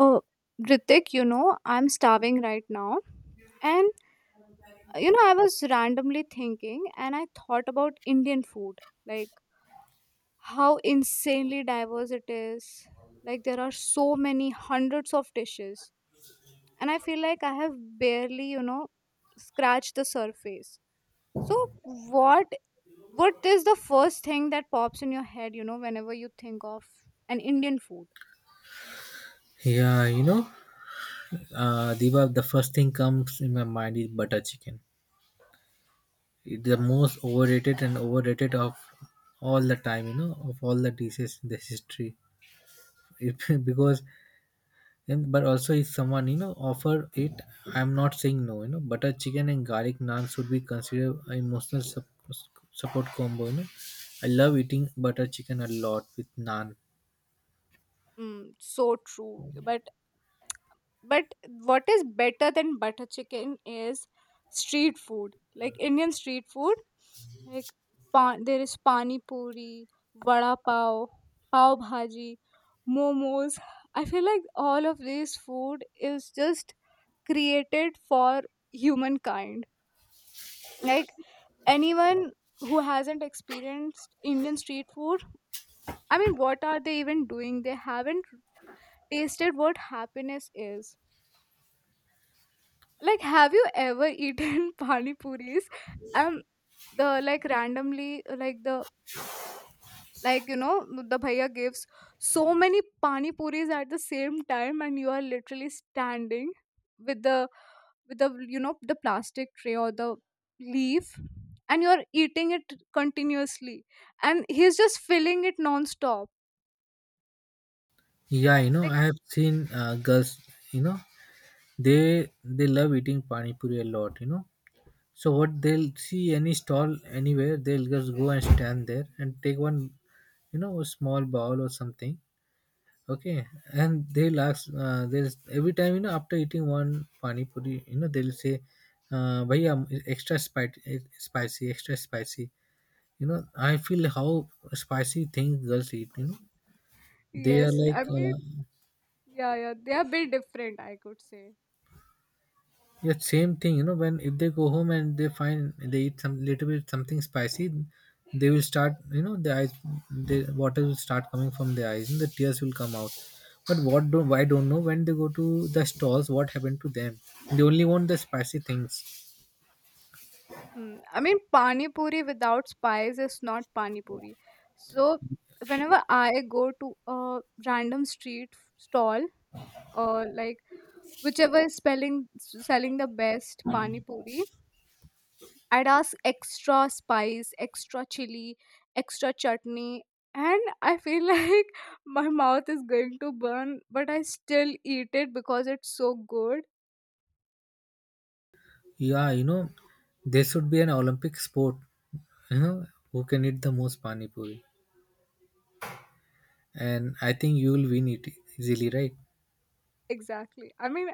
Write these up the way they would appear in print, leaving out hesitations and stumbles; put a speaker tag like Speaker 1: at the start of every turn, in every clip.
Speaker 1: Oh, Ritik, I'm starving right now. And I was randomly thinking and I thought about Indian food, like how insanely diverse it is. Like, there are so many hundreds of dishes. And I feel like I have barely, scratched the surface. So, what what is the first thing that pops in your head, whenever you think of an Indian food?
Speaker 2: Yeah, Diva, the first thing comes in my mind is butter chicken. It's the most overrated and overrated of all the time, of all the dishes in the history. It, because, but also if someone, offer it, I'm not saying no, butter chicken and garlic naan should be considered an emotional support combo. I love eating butter chicken a lot with naan.
Speaker 1: Mm, so true. But what is better than butter chicken is street food, like Indian street food. Like there is pani puri, vada pav, pav bhaji, momos. I feel like all of this food is just created for humankind. Like anyone who hasn't experienced Indian street food, I mean, what are they even doing? They haven't tasted what happiness is. Like, have you ever eaten pani puris? Um, the like randomly, like the like you know the bhaiya gives so many pani puris at the same time, and you are literally standing with the with the you know the plastic tray or the leaf, and you are eating it continuously, and he's just filling it non-stop.
Speaker 2: Yeah,
Speaker 1: Like,
Speaker 2: I have seen girls, you know, they love eating pani puri a lot. So what they'll see, any stall anywhere they'll just go and stand there and take one, a small bowl or something. Okay. And they'll ask, there's every time, after eating one pani puri, they'll say, bhaiya, extra spicy, spicy, extra spicy. I feel how spicy things girls eat. They are
Speaker 1: yes, I
Speaker 2: like
Speaker 1: mean,
Speaker 2: uh,
Speaker 1: yeah, yeah, they are a bit different, I could say.
Speaker 2: Yeah, same thing. When if they go home and they find they eat some little bit something spicy, they will start. The water will start coming from the eyes, and the tears will come out. But what do I don't know when they go to the stalls? What happened to them? They only want the spicy things.
Speaker 1: Hmm. I mean, pani puri without spice is not pani puri. So whenever I go to a random street stall, or like whichever is spelling selling the best pani puri, I'd ask extra spice, extra chili, extra chutney, and I feel like my mouth is going to burn, but I still eat it because it's so good.
Speaker 2: Yeah, there should be an Olympic sport. You know, who can eat the most pani puri? And I think you will win it easily, right?
Speaker 1: Exactly. I mean,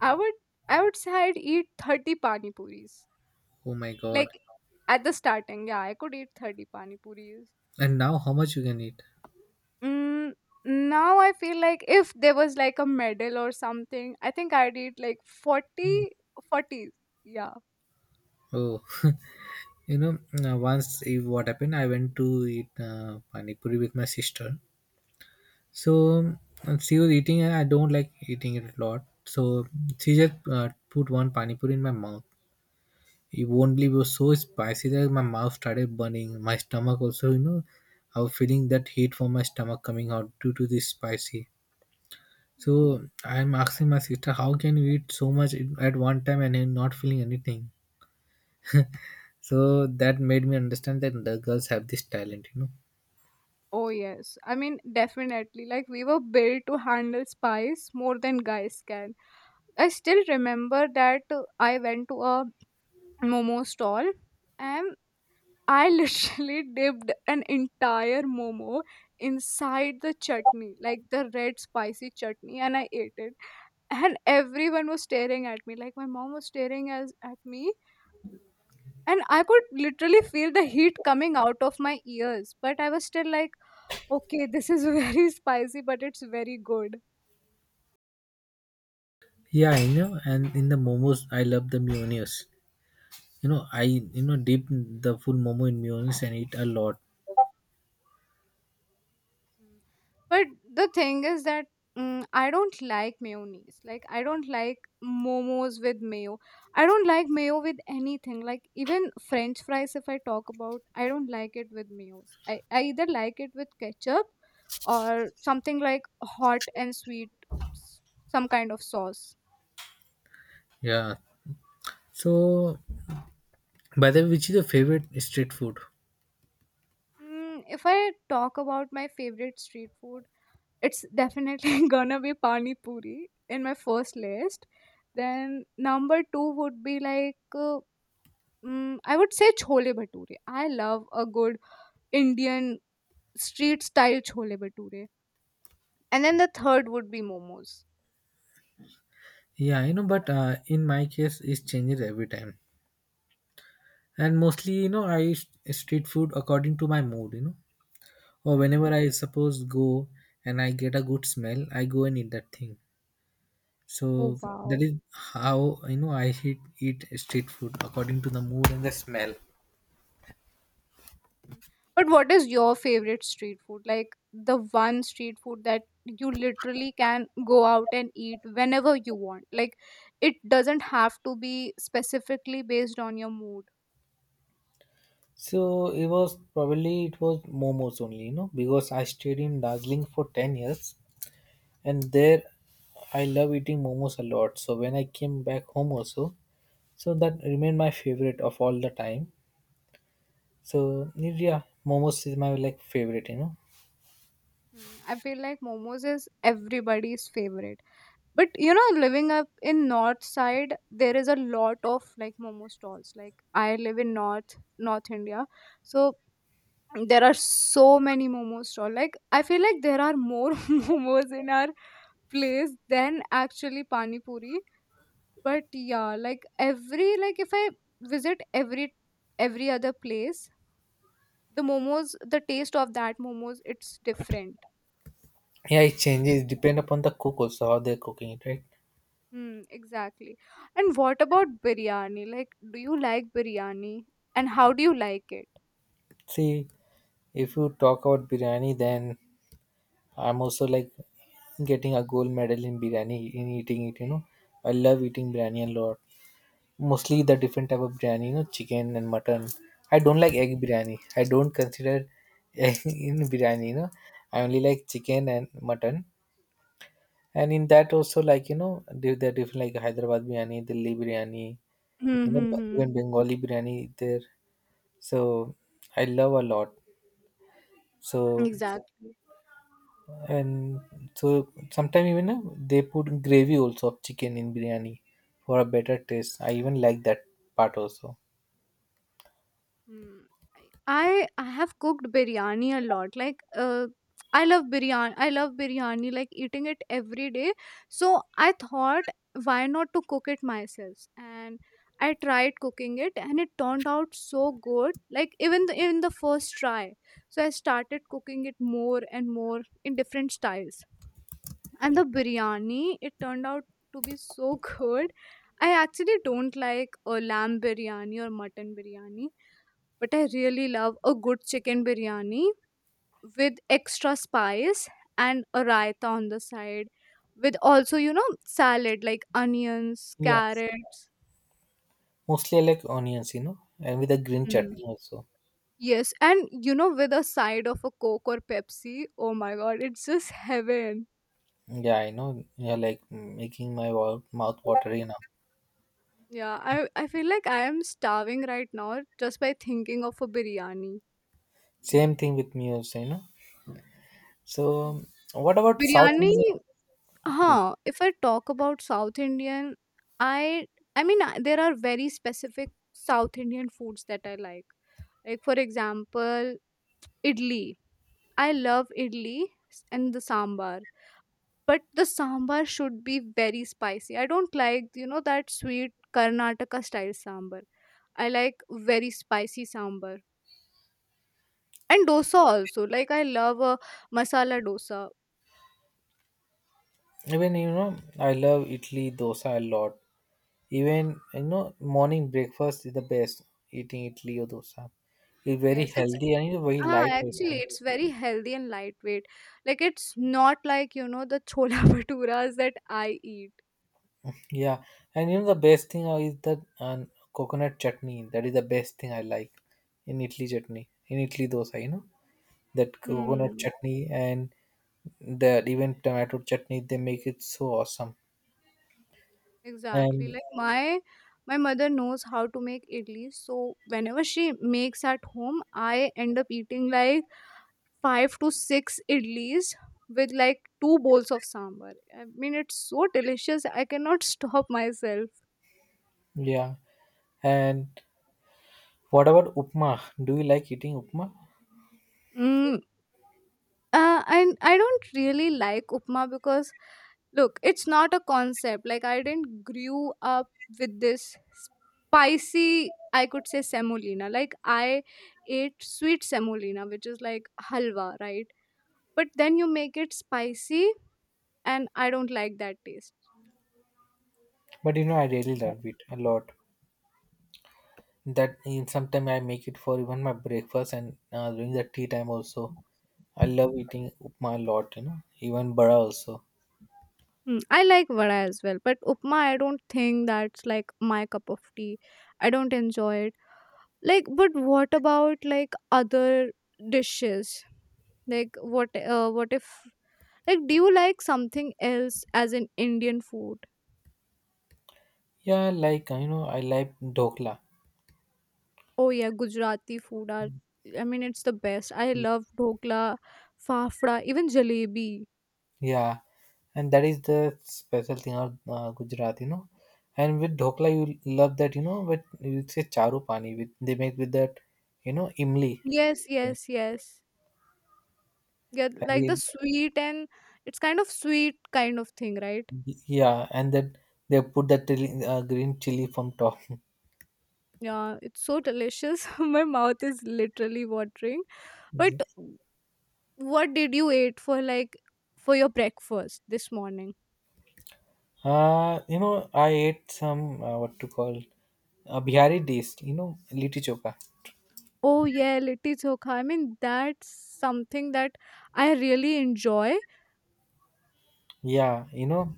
Speaker 1: I would I would say I'd eat 30 pani puris.
Speaker 2: Oh my god!
Speaker 1: Like at the starting, yeah, I could eat 30 pani puris.
Speaker 2: And now how much you can eat?
Speaker 1: Mm, now I feel like if there was like a medal or something, I think I'd eat like 40, forty. Yeah.
Speaker 2: Oh. You know, once if what happened, I went to eat pani puri with my sister. So she was eating, and I don't like eating it a lot. So she just put one pani puri in my mouth. You won't believe it was so spicy that my mouth started burning. My stomach also, I was feeling that heat from my stomach coming out due to this spicy. So
Speaker 1: Mm.
Speaker 2: I'm asking my sister, how can you eat so much at one time and you not feeling anything? So that made me understand that the girls have this talent.
Speaker 1: Oh, yes. I mean, definitely. Like, we were built to handle spice more than guys can. I still remember that I went to a momo stall, and I literally dipped an entire momo inside the chutney, like the red spicy chutney, and I ate it. And everyone was staring at me, like my mom was staring at me, and I could literally feel the heat coming out of my ears. But I was still like, okay, this is very spicy, but it's very good.
Speaker 2: Yeah, I know. And in the momos, I love the mayonnaise. I dip the full momo in mayonnaise and eat a lot.
Speaker 1: But the thing is that I don't like mayonnaise. Like I don't like momos with mayo. I don't like mayo with anything. Like even French fries, if I talk about, I don't like it with mayos. I either like it with ketchup, or something like hot and sweet, s- some kind of sauce.
Speaker 2: Yeah. So, by the way, which is your favorite street food?
Speaker 1: If I talk about my favorite street food, it's definitely gonna be pani puri in my first list. Then number two would be like. I would say chole bhature. I love a good Indian street style chole bhature. And then the third would be momos.
Speaker 2: Yeah, I know, but in my case, it changes every time. And mostly, I eat street food according to my mood. Or
Speaker 1: Hmm.
Speaker 2: whenever I suppose go and I get a good smell, I go and eat that thing.
Speaker 1: Oh.
Speaker 2: So
Speaker 1: So,
Speaker 2: that
Speaker 1: wow.
Speaker 2: is how I eat street food according to the mood and the smell.
Speaker 1: Hmm. But what is your favorite street food? Like the one street food that you literally can go out and eat whenever you want. Like it doesn't have to be specifically based on your mood.
Speaker 2: So it was momos only, because I stayed in Darjeeling for 10 years, and there I love eating momos a lot. So when I came back home also, so that remained my favorite of all the time. So yeah, momos is my like favorite.
Speaker 1: Hmm. I feel like momos is everybody's favorite. But living up in north side, there is a lot of like momo stalls. Like I live in north India. So there are so many momo stall. Like I feel like there are more momos in our place than actually pani puri. But yeah, like every, like if I visit every other place, the momos, the taste of that momos, it's different.
Speaker 2: Yeah, it changes depend upon the cook also how they're cooking it, right?
Speaker 1: Hmm, exactly. And what about biryani? Like, do you like biryani? And how do you like it?
Speaker 2: See, if you talk about biryani, then I'm also like getting a gold medal in biryani in eating it. I love eating biryani a lot. Mostly the different type of biryani, chicken and mutton. I don't like egg biryani. I don't consider egg in biryani. I only like chicken and mutton. And in that also like, there are different like Hyderabad biryani, Delhi biryani,
Speaker 1: Hmm,
Speaker 2: you know,
Speaker 1: hmm, hmm.
Speaker 2: even Bengali biryani there. So I love a lot. So
Speaker 1: Exactly.
Speaker 2: and so sometimes even they put gravy also of chicken in biryani for a better taste. I even like that part also.
Speaker 1: Hmm. I have cooked biryani a lot. Like, I love biryani. I love biryani. Like eating it every day. So I thought, why not to cook it myself? And I tried cooking it, and it turned out so good. Like even the first try. So I started cooking it more and more in different styles, and the biryani, it turned out to be so good. I actually don't like a lamb biryani or mutton biryani, but I really love a good chicken biryani with extra spice and a raita on the side, with also salad, like onions,
Speaker 2: Yeah.
Speaker 1: carrots.
Speaker 2: Mostly I like onions, and with a green chutney
Speaker 1: Hmm.
Speaker 2: also.
Speaker 1: Yes, and with a side of a coke or pepsi, oh my god, it's just heaven.
Speaker 2: Yeah, I know. You're like making my mouth watery now.
Speaker 1: Yeah, I feel like I am starving right now, just by thinking of a biryani.
Speaker 2: Same thing with me also. So, what about South
Speaker 1: Biryani,
Speaker 2: Indian food?
Speaker 1: huh? If I talk about South Indian, i I mean there are very specific South Indian foods that I like for example idli. I love idli and the sambar, but the sambar should be very spicy. I don't like that sweet Karnataka style sambar. I like very spicy sambar. And dosa also, like I love a masala dosa.
Speaker 2: Even I love idli dosa a lot. Even morning breakfast is the best. Eating idli or dosa, it's very
Speaker 1: Yes, it's
Speaker 2: healthy and it's very
Speaker 1: ah
Speaker 2: light
Speaker 1: actually
Speaker 2: also.
Speaker 1: it's very healthy and lightweight. Like it's not like the chola bhaturas that I eat.
Speaker 2: Yeah, and the best thing is the coconut chutney. That is the best thing I like in idli chutney, in idli dosa. That coconut
Speaker 1: Hmm.
Speaker 2: chutney and that even tomato chutney, they make it so awesome.
Speaker 1: Exactly.
Speaker 2: And
Speaker 1: Like my mother knows how to make idli, so whenever she makes at home, I end up eating like five to six idlis with like two bowls of sambar. I mean, it's so delicious. I cannot stop myself.
Speaker 2: Yeah, and what about upma? Do you like eating upma?
Speaker 1: Mm. And I don't really like upma, because look, it's not a concept. Like I didn't grew up with this spicy, I could say, semolina. Like I ate sweet semolina, which is like halwa, right? But then you make it spicy and I don't like that taste.
Speaker 2: But I really love it a lot. That in sometimes I make it for even my breakfast and during the tea time also. I love eating upma a lot. Even bara also.
Speaker 1: Hmm, I like vada as well, but upma, I don't think that's like my cup of tea. I don't enjoy it. Like, but what about like other dishes? Like what if, like, do you like something else as in Indian food?
Speaker 2: Yeah, I like dhokla.
Speaker 1: Oh yeah, Gujarati food are I mean, it's the best. I love dhokla, fafda, even jalebi.
Speaker 2: Yeah, and that is the special thing of Gujarat. And with dhokla, you love that. But you say charu pani with they make with that, imli.
Speaker 1: Yes,
Speaker 2: Yeah,
Speaker 1: yes, yes. Yeah, like the
Speaker 2: And
Speaker 1: sweet and, it's kind of sweet kind of thing, right?
Speaker 2: yeah, and then they put that chili, green chili from top.
Speaker 1: Yeah, it's so delicious. My mouth is literally watering. But
Speaker 2: Yeah.
Speaker 1: what did you eat for your breakfast this morning?
Speaker 2: I ate some what to call, Bihari dish. Litti choka.
Speaker 1: Oh yeah, litti chokha. I mean that's something that I really enjoy.
Speaker 2: Yeah,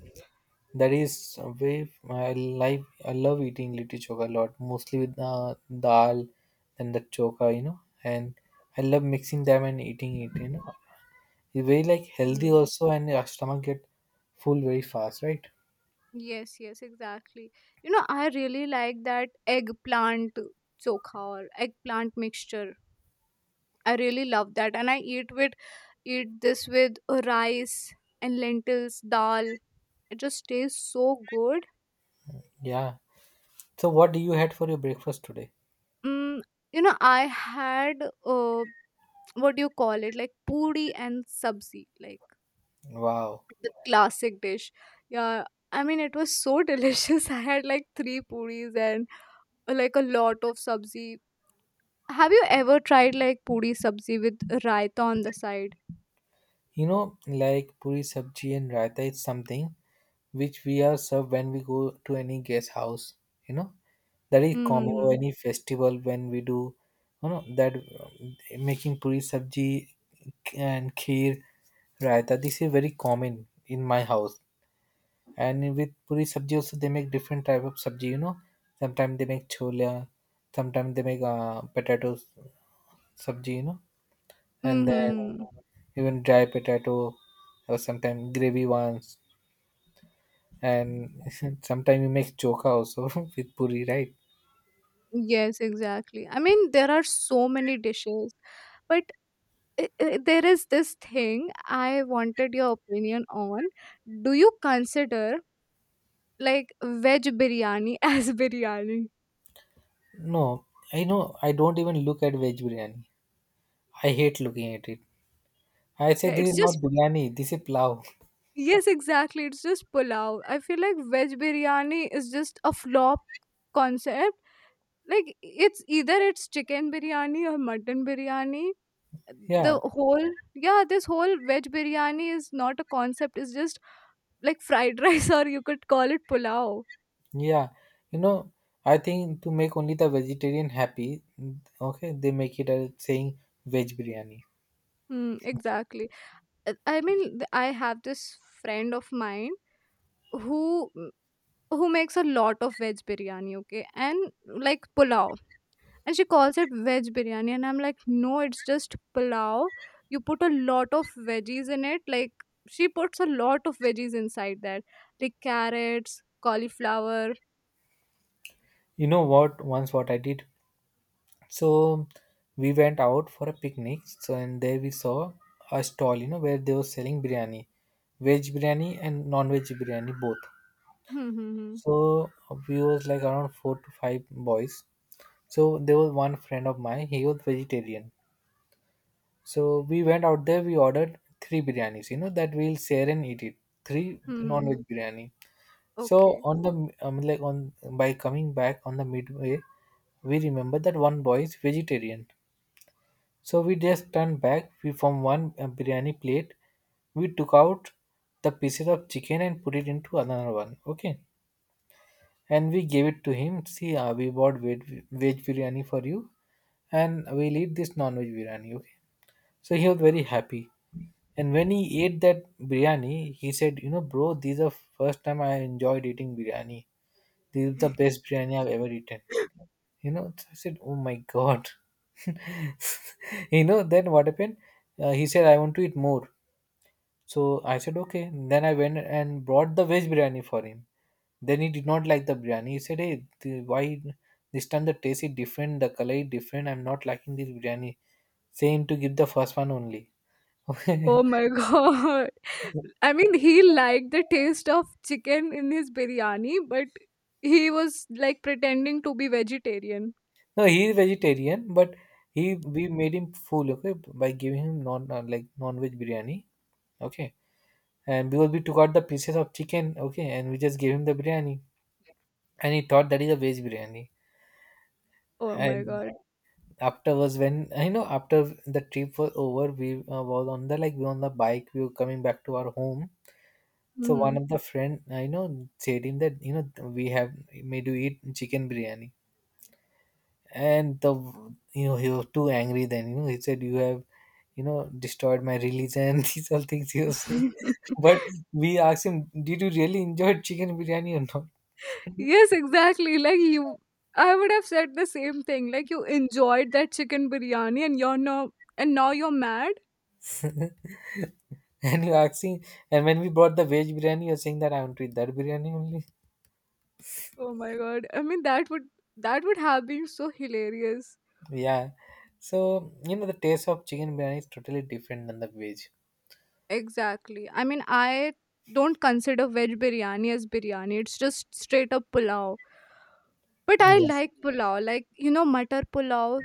Speaker 2: that is a way I like. I love eating litti choka a lot, mostly with the dal and the choka, and I love mixing them and eating it. It's very like healthy
Speaker 1: Mm.
Speaker 2: also, and your stomach get full very fast, right?
Speaker 1: Yes, yes, exactly. You know, I really like that eggplant chokha or eggplant mixture. I really love that, and I eat this with rice and lentils, dal. It just tastes so good.
Speaker 2: Yeah. So, what do you had for your breakfast today?
Speaker 1: Mm, I had uh, what do you call it? Like puri and sabzi, like
Speaker 2: Wow.
Speaker 1: the classic dish. Yeah, I mean, it was so delicious. I had like three puris and like a lot of sabzi. Have you ever tried like puri sabzi with raita on the side?
Speaker 2: Like puri sabji and raita is something which we are served when we go to any guest house. You know, that is common or
Speaker 1: Mm-hmm.
Speaker 2: any festival when we do. You know that making puri sabji and kheer, raita. This is very common in my house. And with puri sabji also they make different type of sabji. Sometimes they make chola, sometimes they make potatoes sabji. And then
Speaker 1: Mm-hmm.
Speaker 2: even dry potato or sometimes gravy ones and sometimes we make choka also with puri, right?
Speaker 1: Yes, exactly. I mean, there are so many dishes, but I there is this thing I wanted your opinion on. Do you consider like veg biryani as biryani?
Speaker 2: No, I know, I don't even look at veg biryani. I hate looking at it. I say
Speaker 1: Yeah,
Speaker 2: this
Speaker 1: it's
Speaker 2: is
Speaker 1: just
Speaker 2: not biryani, this is plow.
Speaker 1: yes, exactly. It's just pulao. I feel like veg biryani is just a flop concept. Like it's either it's chicken biryani or mutton biryani. The
Speaker 2: Yeah,
Speaker 1: whole Yeah, this whole veg biryani is not a concept, it's just like fried rice, or you could call it pulao.
Speaker 2: yeah, you know I think to make only the vegetarian happy. Okay, they make it as saying veg biryani.
Speaker 1: Hmm. Exactly. I mean, I have this friend of mine, who mm, who makes a lot of veg biryani, okay, and like pulao, and she calls it veg biryani, and I'm like, no, it's just pulao. You put a lot of veggies in it, like she puts a lot of veggies inside that, like carrots, cauliflower.
Speaker 2: You know what, once what I did. So we went out for a picnic. So and there we saw a stall, where they were selling biryani, veg biryani and non-veg biryani both.
Speaker 1: Hmm, hmm, hmm.
Speaker 2: So we was like around four to five boys. So there was one friend of mine. He was vegetarian. So we went out there. We ordered three biryanis. You know that we'll share and eat it. Three
Speaker 1: Hmm. Hmm, hmm.
Speaker 2: non-veg biryani. So
Speaker 1: Okay.
Speaker 2: on the like on by coming back on the midway, we remember that one boy is vegetarian. So we just turned back. We From one biryani plate, we took out the pieces of chicken and put it into another one. Okay, and we gave it to him. See, we bought veg biryani for you, and we'll eat this non-veg biryani. Okay, so he was very happy. And when he ate that biryani, he said, "You know, bro, this is the first time I enjoyed eating biryani. This is the best biryani I've ever eaten." So I said, oh my god. Then what happened? He said, I want to eat more. So I said, okay. Then I went and brought the veg biryani for him. Then he did not like the biryani. He said, hey, why this time the taste is different, the color is different, I'm not liking this biryani. Say him to give the first one only.
Speaker 1: Oh my god. I mean, he liked the taste of chicken in his biryani, but he was like pretending to be vegetarian.
Speaker 2: No, he is vegetarian, but he we made him full. Okay, by giving him non like non-veg biryani. Okay, and because we took out the pieces of chicken, okay, and we just gave him the biryani, and he thought that is a veg biryani.
Speaker 1: Oh my
Speaker 2: And
Speaker 1: god.
Speaker 2: afterwards, when I know, after the trip was over, we was on the like we were on the bike, we were coming back to our home. So one
Speaker 1: Mhm.
Speaker 2: of the friend, I know, said him that we have made you eat chicken biryani, and the you know he was too angry. Then he said, you have destroyed my religion. These all things he was saying. But we asked him, did you really enjoy chicken biryani or not?
Speaker 1: Yes, exactly. Like you, I would have said the same thing. Like you enjoyed that chicken biryani, and now you're mad.
Speaker 2: And you're asking, and when we brought the veg biryani, you're saying that I want to eat that biryani only.
Speaker 1: Oh my god. I mean, that would, that would have been so hilarious.
Speaker 2: Yeah. So, the taste of chicken biryani is totally different than the veg.
Speaker 1: Exactly. I mean, I don't consider veg biryani as biryani. It's just straight up pulao. But I
Speaker 2: Yeah.
Speaker 1: like pulao. Like, matar pulao,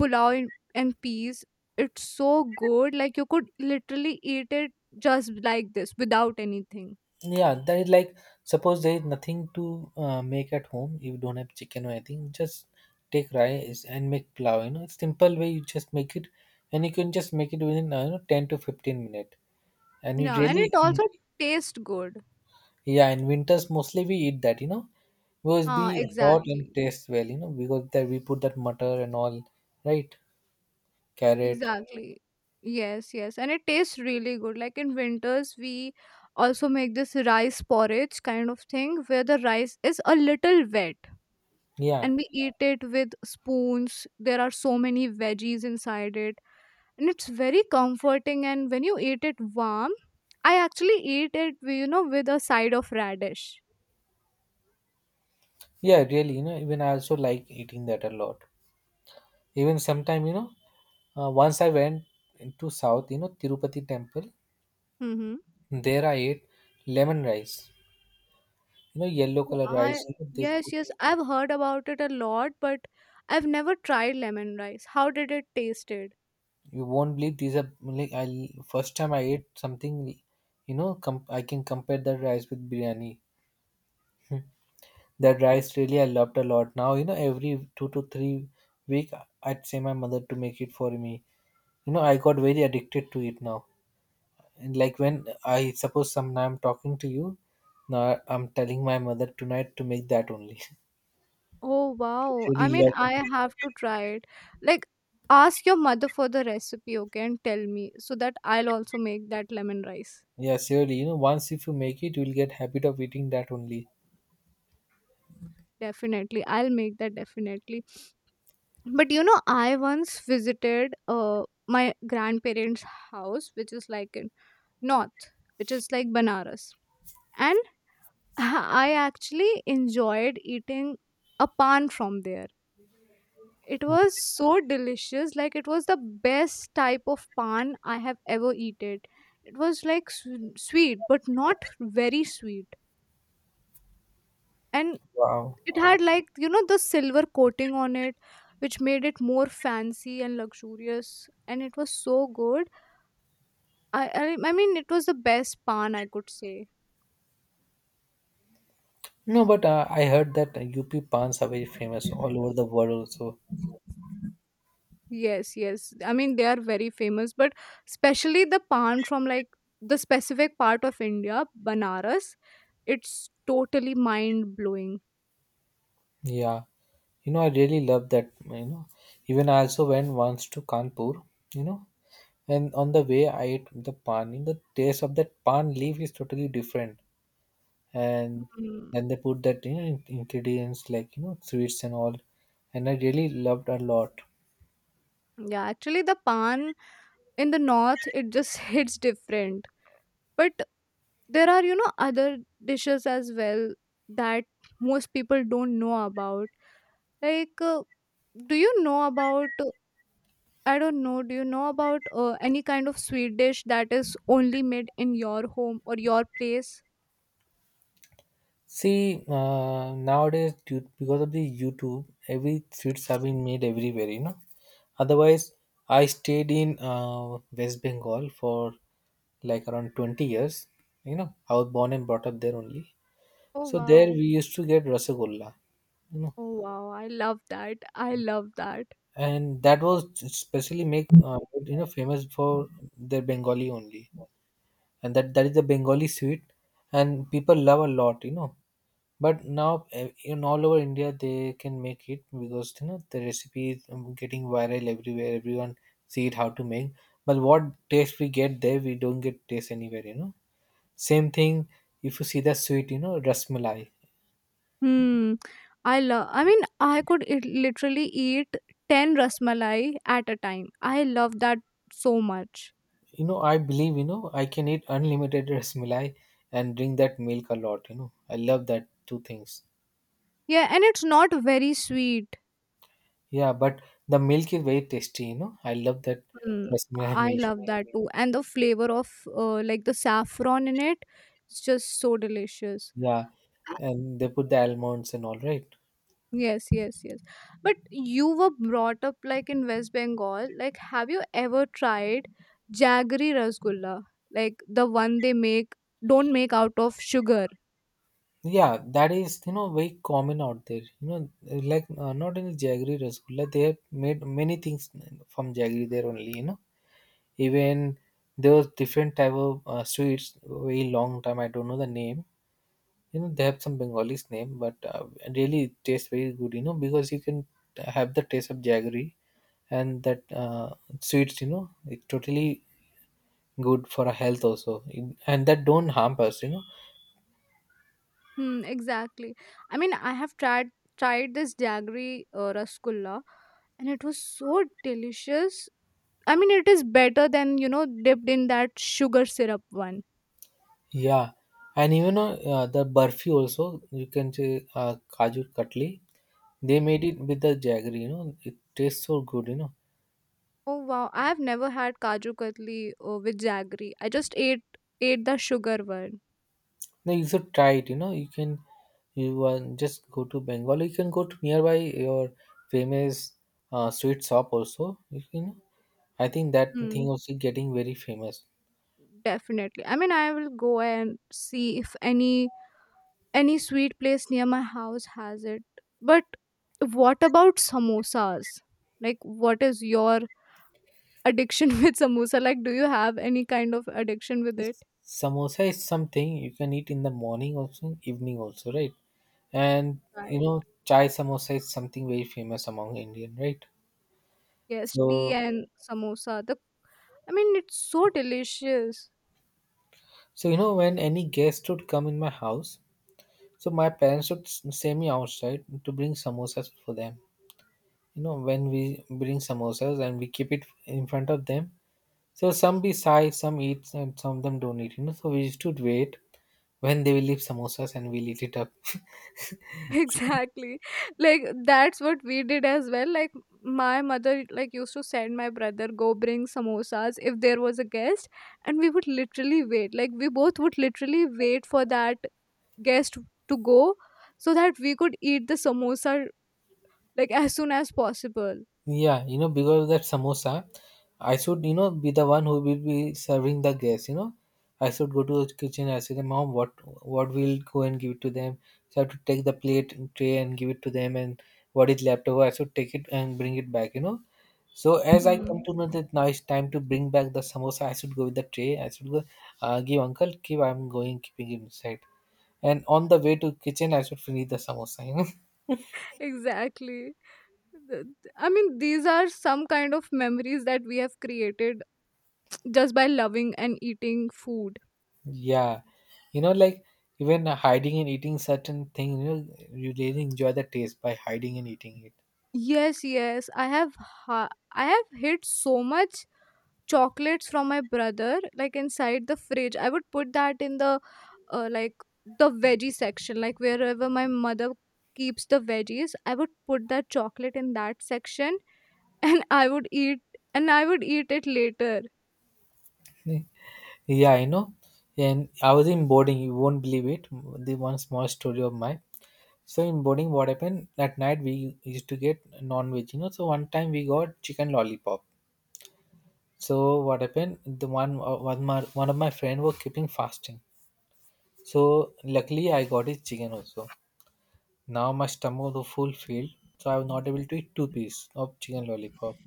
Speaker 1: pulao in, and peas. It's so good. Like, you could literally eat it just like this without anything.
Speaker 2: Yeah. That is like, suppose there is nothing to make at home. If you don't have chicken or anything, just take rice and make plow. You know, it's simple way you just make it, and you can just make it within, 10 to 15 minutes. And you
Speaker 1: Yeah. And it
Speaker 2: really,
Speaker 1: also tastes good.
Speaker 2: yeah, in winters mostly we eat that, you know, because it
Speaker 1: Ah,
Speaker 2: be hot and
Speaker 1: exactly.
Speaker 2: tastes well, you know, because that we put that mutton and all, right? Carrot.
Speaker 1: Exactly. Yes, yes. And it tastes really good. Like in winters, we also make this rice porridge kind of thing where the rice is a little wet,
Speaker 2: Yeah,
Speaker 1: and we eat it with spoons. There are so many veggies inside it. And it's very comforting. And when you eat it warm, I actually eat it, with a side of radish.
Speaker 2: yeah, really, you know, even I also like eating that a lot. Even sometime, you know, once I went into south, you know, Tirupati temple,
Speaker 1: Mm-hmm.
Speaker 2: there I ate lemon rice, you know, yellow color
Speaker 1: I,
Speaker 2: rice. You know, they
Speaker 1: yes,
Speaker 2: put,
Speaker 1: yes. I've heard about it a lot, but I've never tried lemon rice. How did it tasted?
Speaker 2: you won't believe these are like I first time I ate something, you know, I can compare that rice with biryani. That rice really I loved a lot. Now, you know, every 2 to 3 week I'd say my mother to make it for me. You know, I got very addicted to it now. And like when I suppose some I'm talking to you, now I'm telling my mother tonight to make that only.
Speaker 1: Oh
Speaker 2: She
Speaker 1: wow. I
Speaker 2: really
Speaker 1: mean,
Speaker 2: love
Speaker 1: I
Speaker 2: it.
Speaker 1: have to try it. Like, ask your mother for the recipe, okay, and tell me so that I'll also make that lemon rice.
Speaker 2: Yeah, surely. You know, once if you make it, you'll get habit of eating that only.
Speaker 1: Definitely. I'll make that definitely. But you know, I once visited my grandparents' house, which is like in north, which is like Banaras. And I actually enjoyed eating a pan from there. It was so delicious, like it was the best type of pan I have ever eaten. It was like sweet, but not very sweet. And
Speaker 2: Wow.
Speaker 1: it had like, you know, the silver coating on it, which made it more fancy and luxurious. And it was so good. I mean, it was the best pan I could say.
Speaker 2: No, but I heard that UP pans are very famous all over the world also.
Speaker 1: Yes, yes. I mean, they are very famous, but especially the pan from like the specific part of India, Banaras, it's totally mind blowing.
Speaker 2: Yeah, you know, I really love that. You know, even I also went once to Kanpur, you know, and on the way I ate the pan. You know, the taste of that pan leaf is totally different. And
Speaker 1: Mm,
Speaker 2: then they put that, you know, ingredients like, you know, sweets and all. And I really loved a lot.
Speaker 1: yeah, actually, the pan in the north it just hits different. But there are, you know, other dishes as well that most people don't know about. Like, do you know about? I don't know. Do you know about any kind of sweet dish that is only made in your home or your place?
Speaker 2: See, nowadays due, because of the YouTube, every streets have been made everywhere. You know, otherwise I stayed in West Bengal for like around 20 years. You know, I was born and brought up there only.
Speaker 1: Oh
Speaker 2: So there
Speaker 1: wow!
Speaker 2: we used to get rasagolla. You know,
Speaker 1: Oh wow! I love that. I love that.
Speaker 2: and that was specially make you know famous for their Bengali only, and that is the Bengali sweet, and people love a lot. You know, but now eh, in all over India they can make it because you know the recipe is getting viral everywhere. Everyone see it how to make. But what taste we get there, we don't get taste anywhere. You know, same thing. If you see the sweet, you know, rasmalai.
Speaker 1: Hmm. I love. I mean, I could it literally eat ten rasmalai at a time. I love that so much.
Speaker 2: You know, I believe you know I can eat unlimited rasmalai and drink that milk a lot. You know, I love that two things.
Speaker 1: Yeah, and it's not very sweet.
Speaker 2: Yeah, but the milk is very tasty. You know, I love that
Speaker 1: Hmm.
Speaker 2: rasmalai
Speaker 1: I
Speaker 2: milk.
Speaker 1: love that too, and the flavor of like the saffron in it is just so delicious.
Speaker 2: Yeah, and they put the almonds and all right.
Speaker 1: Yes, yes, yes. But you were brought up like in West Bengal. Like, have you ever tried jaggery rasgulla? Like the one they make, don't make out of sugar.
Speaker 2: Yeah, that is you know very common out there. You know, like not only jaggery rasgulla, they have made many things from jaggery there only. You know, even there was different type of sweets. Very long time I don't know the name. You know, they have some Bengalis name, but really it tastes very good. You know, because you can have the taste of jaggery and that sweets. You know, it's totally good for our health also. And that don't harm us, you know.
Speaker 1: Hmm, exactly. I mean, I have tried this jaggery rasgulla, and it was so delicious. I mean, it is better than you know dipped in that sugar syrup one.
Speaker 2: Yeah, and even the burfi also you can say kaju katli. They made it with the jaggery. You know, it tastes so good. You know,
Speaker 1: Oh wow, I have never had kaju katli with jaggery. I just ate the sugar one.
Speaker 2: now you should try it. You know, you just go to Bengal. You can go to nearby your famous sweet shop also. You can I think that thing
Speaker 1: Hmm,
Speaker 2: also getting very famous.
Speaker 1: definitely. I mean, I will go and see if any sweet place near my house has it. But what about samosas? Like, what is your addiction with samosa, like, do you have any kind of addiction with it,
Speaker 2: This samosa is something you can eat in the morning also, evening also, right? And you
Speaker 1: right?
Speaker 2: know, chai samosa is something very famous among Indian, right?
Speaker 1: Yes, tea
Speaker 2: So,
Speaker 1: and samosa, the, I mean, it's so delicious.
Speaker 2: so you know, when any guest would come in my house, so my parents would send me outside to bring samosas for them. You know, when we bring samosas and we keep it in front of them, so some be shy, some eat, and some of them don't eat. You know, so we used to wait when they will leave samosas and we'll eat it up.
Speaker 1: Exactly, like that's what we did as well, like my mother like used to send my brother go bring samosas if there was a guest, and we would literally wait, like we both would literally wait for that guest to go so that we could eat the samosa like as soon as possible.
Speaker 2: Yeah, you know, because of that samosa, I should, you know, be the one who will be serving the guests, you know. I should go to the kitchen, I say them, Mom, what we'll go and give it to them. So I have to take the plate and tray and give it to them, and what is left over, I should take it and bring it back, you know. So as I come
Speaker 1: Hmm.
Speaker 2: to know that now it's time to bring back the samosa, I should go with the tray. I should go, give uncle, give I'm going, keeping it inside. And on the way to kitchen, I should finish the samosa, you know.
Speaker 1: Exactly. Th- I mean, these are some kind of memories that we have created just by loving and eating food.
Speaker 2: Yeah, you know, like even hiding and eating certain thing, you know, you really enjoy the taste by hiding and eating
Speaker 1: Yes, yes, I have I have hid so much chocolates from my brother like inside the fridge. I would put that in the like the veggie section, like wherever my mother keeps the veggies. I would put that chocolate in that section, and I would eat and I would eat it later.
Speaker 2: it. Yeah, you know, and I was in boarding. You won't believe it. The one small story of mine. So in boarding, what happened at night? We used to get non-veg. You know, so one time we got chicken lollipop. So what happened? The one one my one of my friend was keeping fasting. So luckily I got his chicken also. Now my stomach was full filled, so I was not able to eat two pieces of chicken lollipop.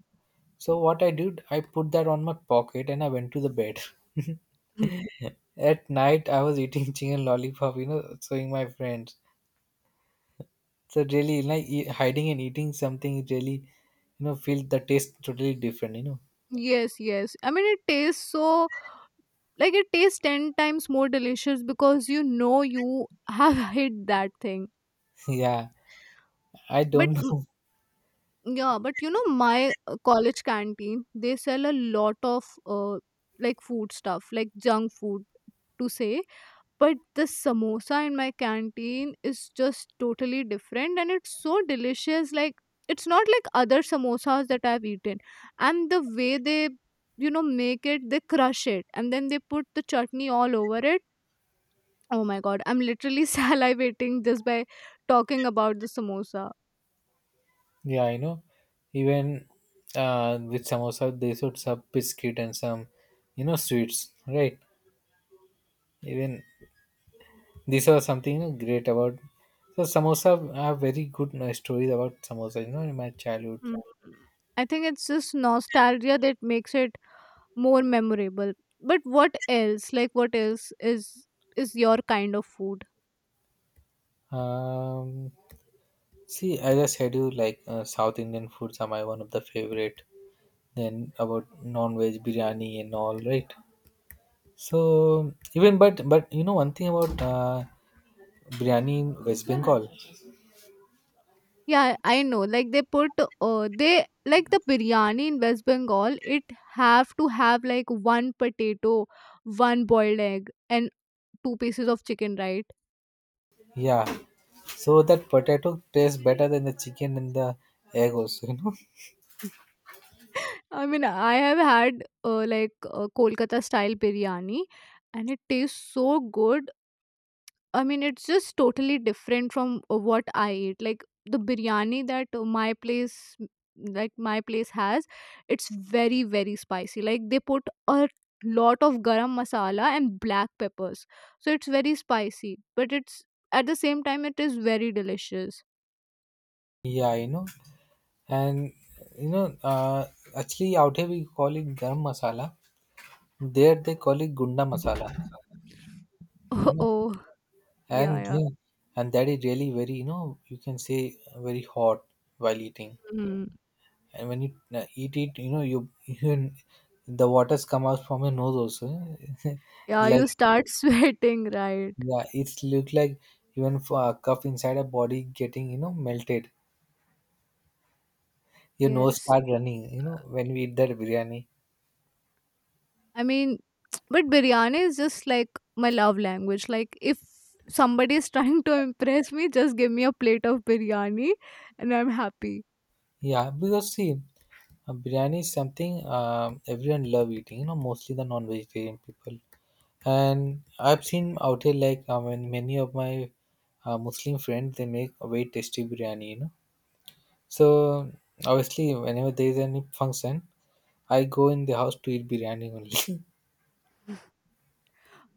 Speaker 2: So what I did, I put that on my pocket and I went to the bed. At night, I was eating chicken lollipop, you know, showing my friends. So really, like hiding and eating something really, you know, feel the taste totally different, you know.
Speaker 1: Yes, yes. I mean, it tastes so like it tastes 10 times more delicious because you know you have hit that thing.
Speaker 2: Yeah, I
Speaker 1: But
Speaker 2: don't
Speaker 1: mm,
Speaker 2: know.
Speaker 1: yeah, but you know my college canteen, they sell a lot of like food stuff, like junk food to say, but the samosa in my canteen is just totally different, and it's so delicious, like it's not like other samosas that I've eaten, and the way they, you know, make it, they crush it and then they put the chutney all over it. Oh my god, I'm literally salivating just by talking about the samosa.
Speaker 2: Yeah, you know, even with samosa, they should sub biscuit and some, you know, sweets, right? Even these are something you know, great about. So samosa I have very good stories about samosa. You know, in my childhood.
Speaker 1: Mm, I think it's just nostalgia that makes it more memorable. But what else? Like what else is your kind of food?
Speaker 2: Um, See, I just said you like South Indian foods are my one of the favorite. Then about non-veg biryani and all, right? So even but you know one thing about biryani in West Bengal.
Speaker 1: Yeah, I know. Like they put they like the biryani in West Bengal, it have to have like one potato, one boiled egg and two pieces of chicken, right?
Speaker 2: Yeah, so that potato tastes better than the chicken and the egg also. You know.
Speaker 1: I mean, I have had Kolkata style biryani, and it tastes so good. I mean, it's just totally different from what I eat. Like the biryani that my place, like my place has, it's very very spicy. Like they put a lot of garam masala and black peppers, so it's very spicy. But it's at the same time, it is very delicious.
Speaker 2: Yeah, you know. And you know, actually out here we call it garam masala. There they call it gunda masala. You know,
Speaker 1: Oh, yeah,
Speaker 2: and
Speaker 1: yeah.
Speaker 2: they- and that is really very you know you can say very hot while eating.
Speaker 1: Mm.
Speaker 2: And when you eat it, you know you the waters come out from your nose also.
Speaker 1: Yeah.
Speaker 2: Like
Speaker 1: You start sweating, right?
Speaker 2: yeah, it's look like even for a cup inside a body getting you know melted. Your nose
Speaker 1: Yes.
Speaker 2: start running. You know when we eat that biryani.
Speaker 1: I mean, but biryani is just like my love language. Like, if somebody is trying to impress me, just give me a plate of biryani and I'm happy.
Speaker 2: Yeah, because see, biryani is something everyone love eating. You know, mostly the non-vegetarian people. And I've seen out here like I mean, many of my Muslim friends they make a very tasty biryani. You know, so obviously whenever there is any function, I go in the house to eat biryani only.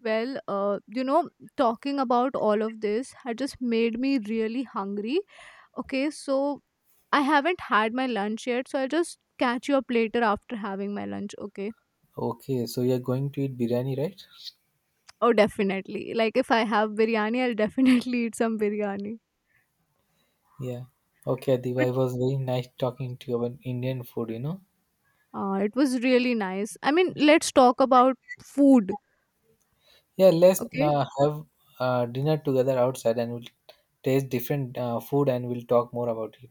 Speaker 1: Well, you know, talking about all of this had just made me really hungry. Okay, so I haven't had my lunch yet, so I'll just catch you up later after having my lunch. Okay.
Speaker 2: Okay, so you're going to eat biryani, right?
Speaker 1: Oh, definitely. Like, if I have biryani, I'll definitely eat some biryani.
Speaker 2: Yeah. Okay, Adiba,
Speaker 1: But
Speaker 2: it was very nice talking to you about Indian food. You know.
Speaker 1: it was really nice. I mean, let's talk about food.
Speaker 2: Yeah, let's
Speaker 1: Okay.
Speaker 2: have dinner together outside and we'll taste different food and we'll talk more about it.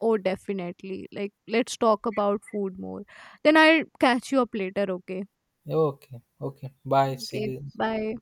Speaker 1: Oh, definitely. Like, let's talk about food more. Then I'll catch you up later. Okay.
Speaker 2: Okay, okay. Bye. See
Speaker 1: Okay,
Speaker 2: you.
Speaker 1: bye.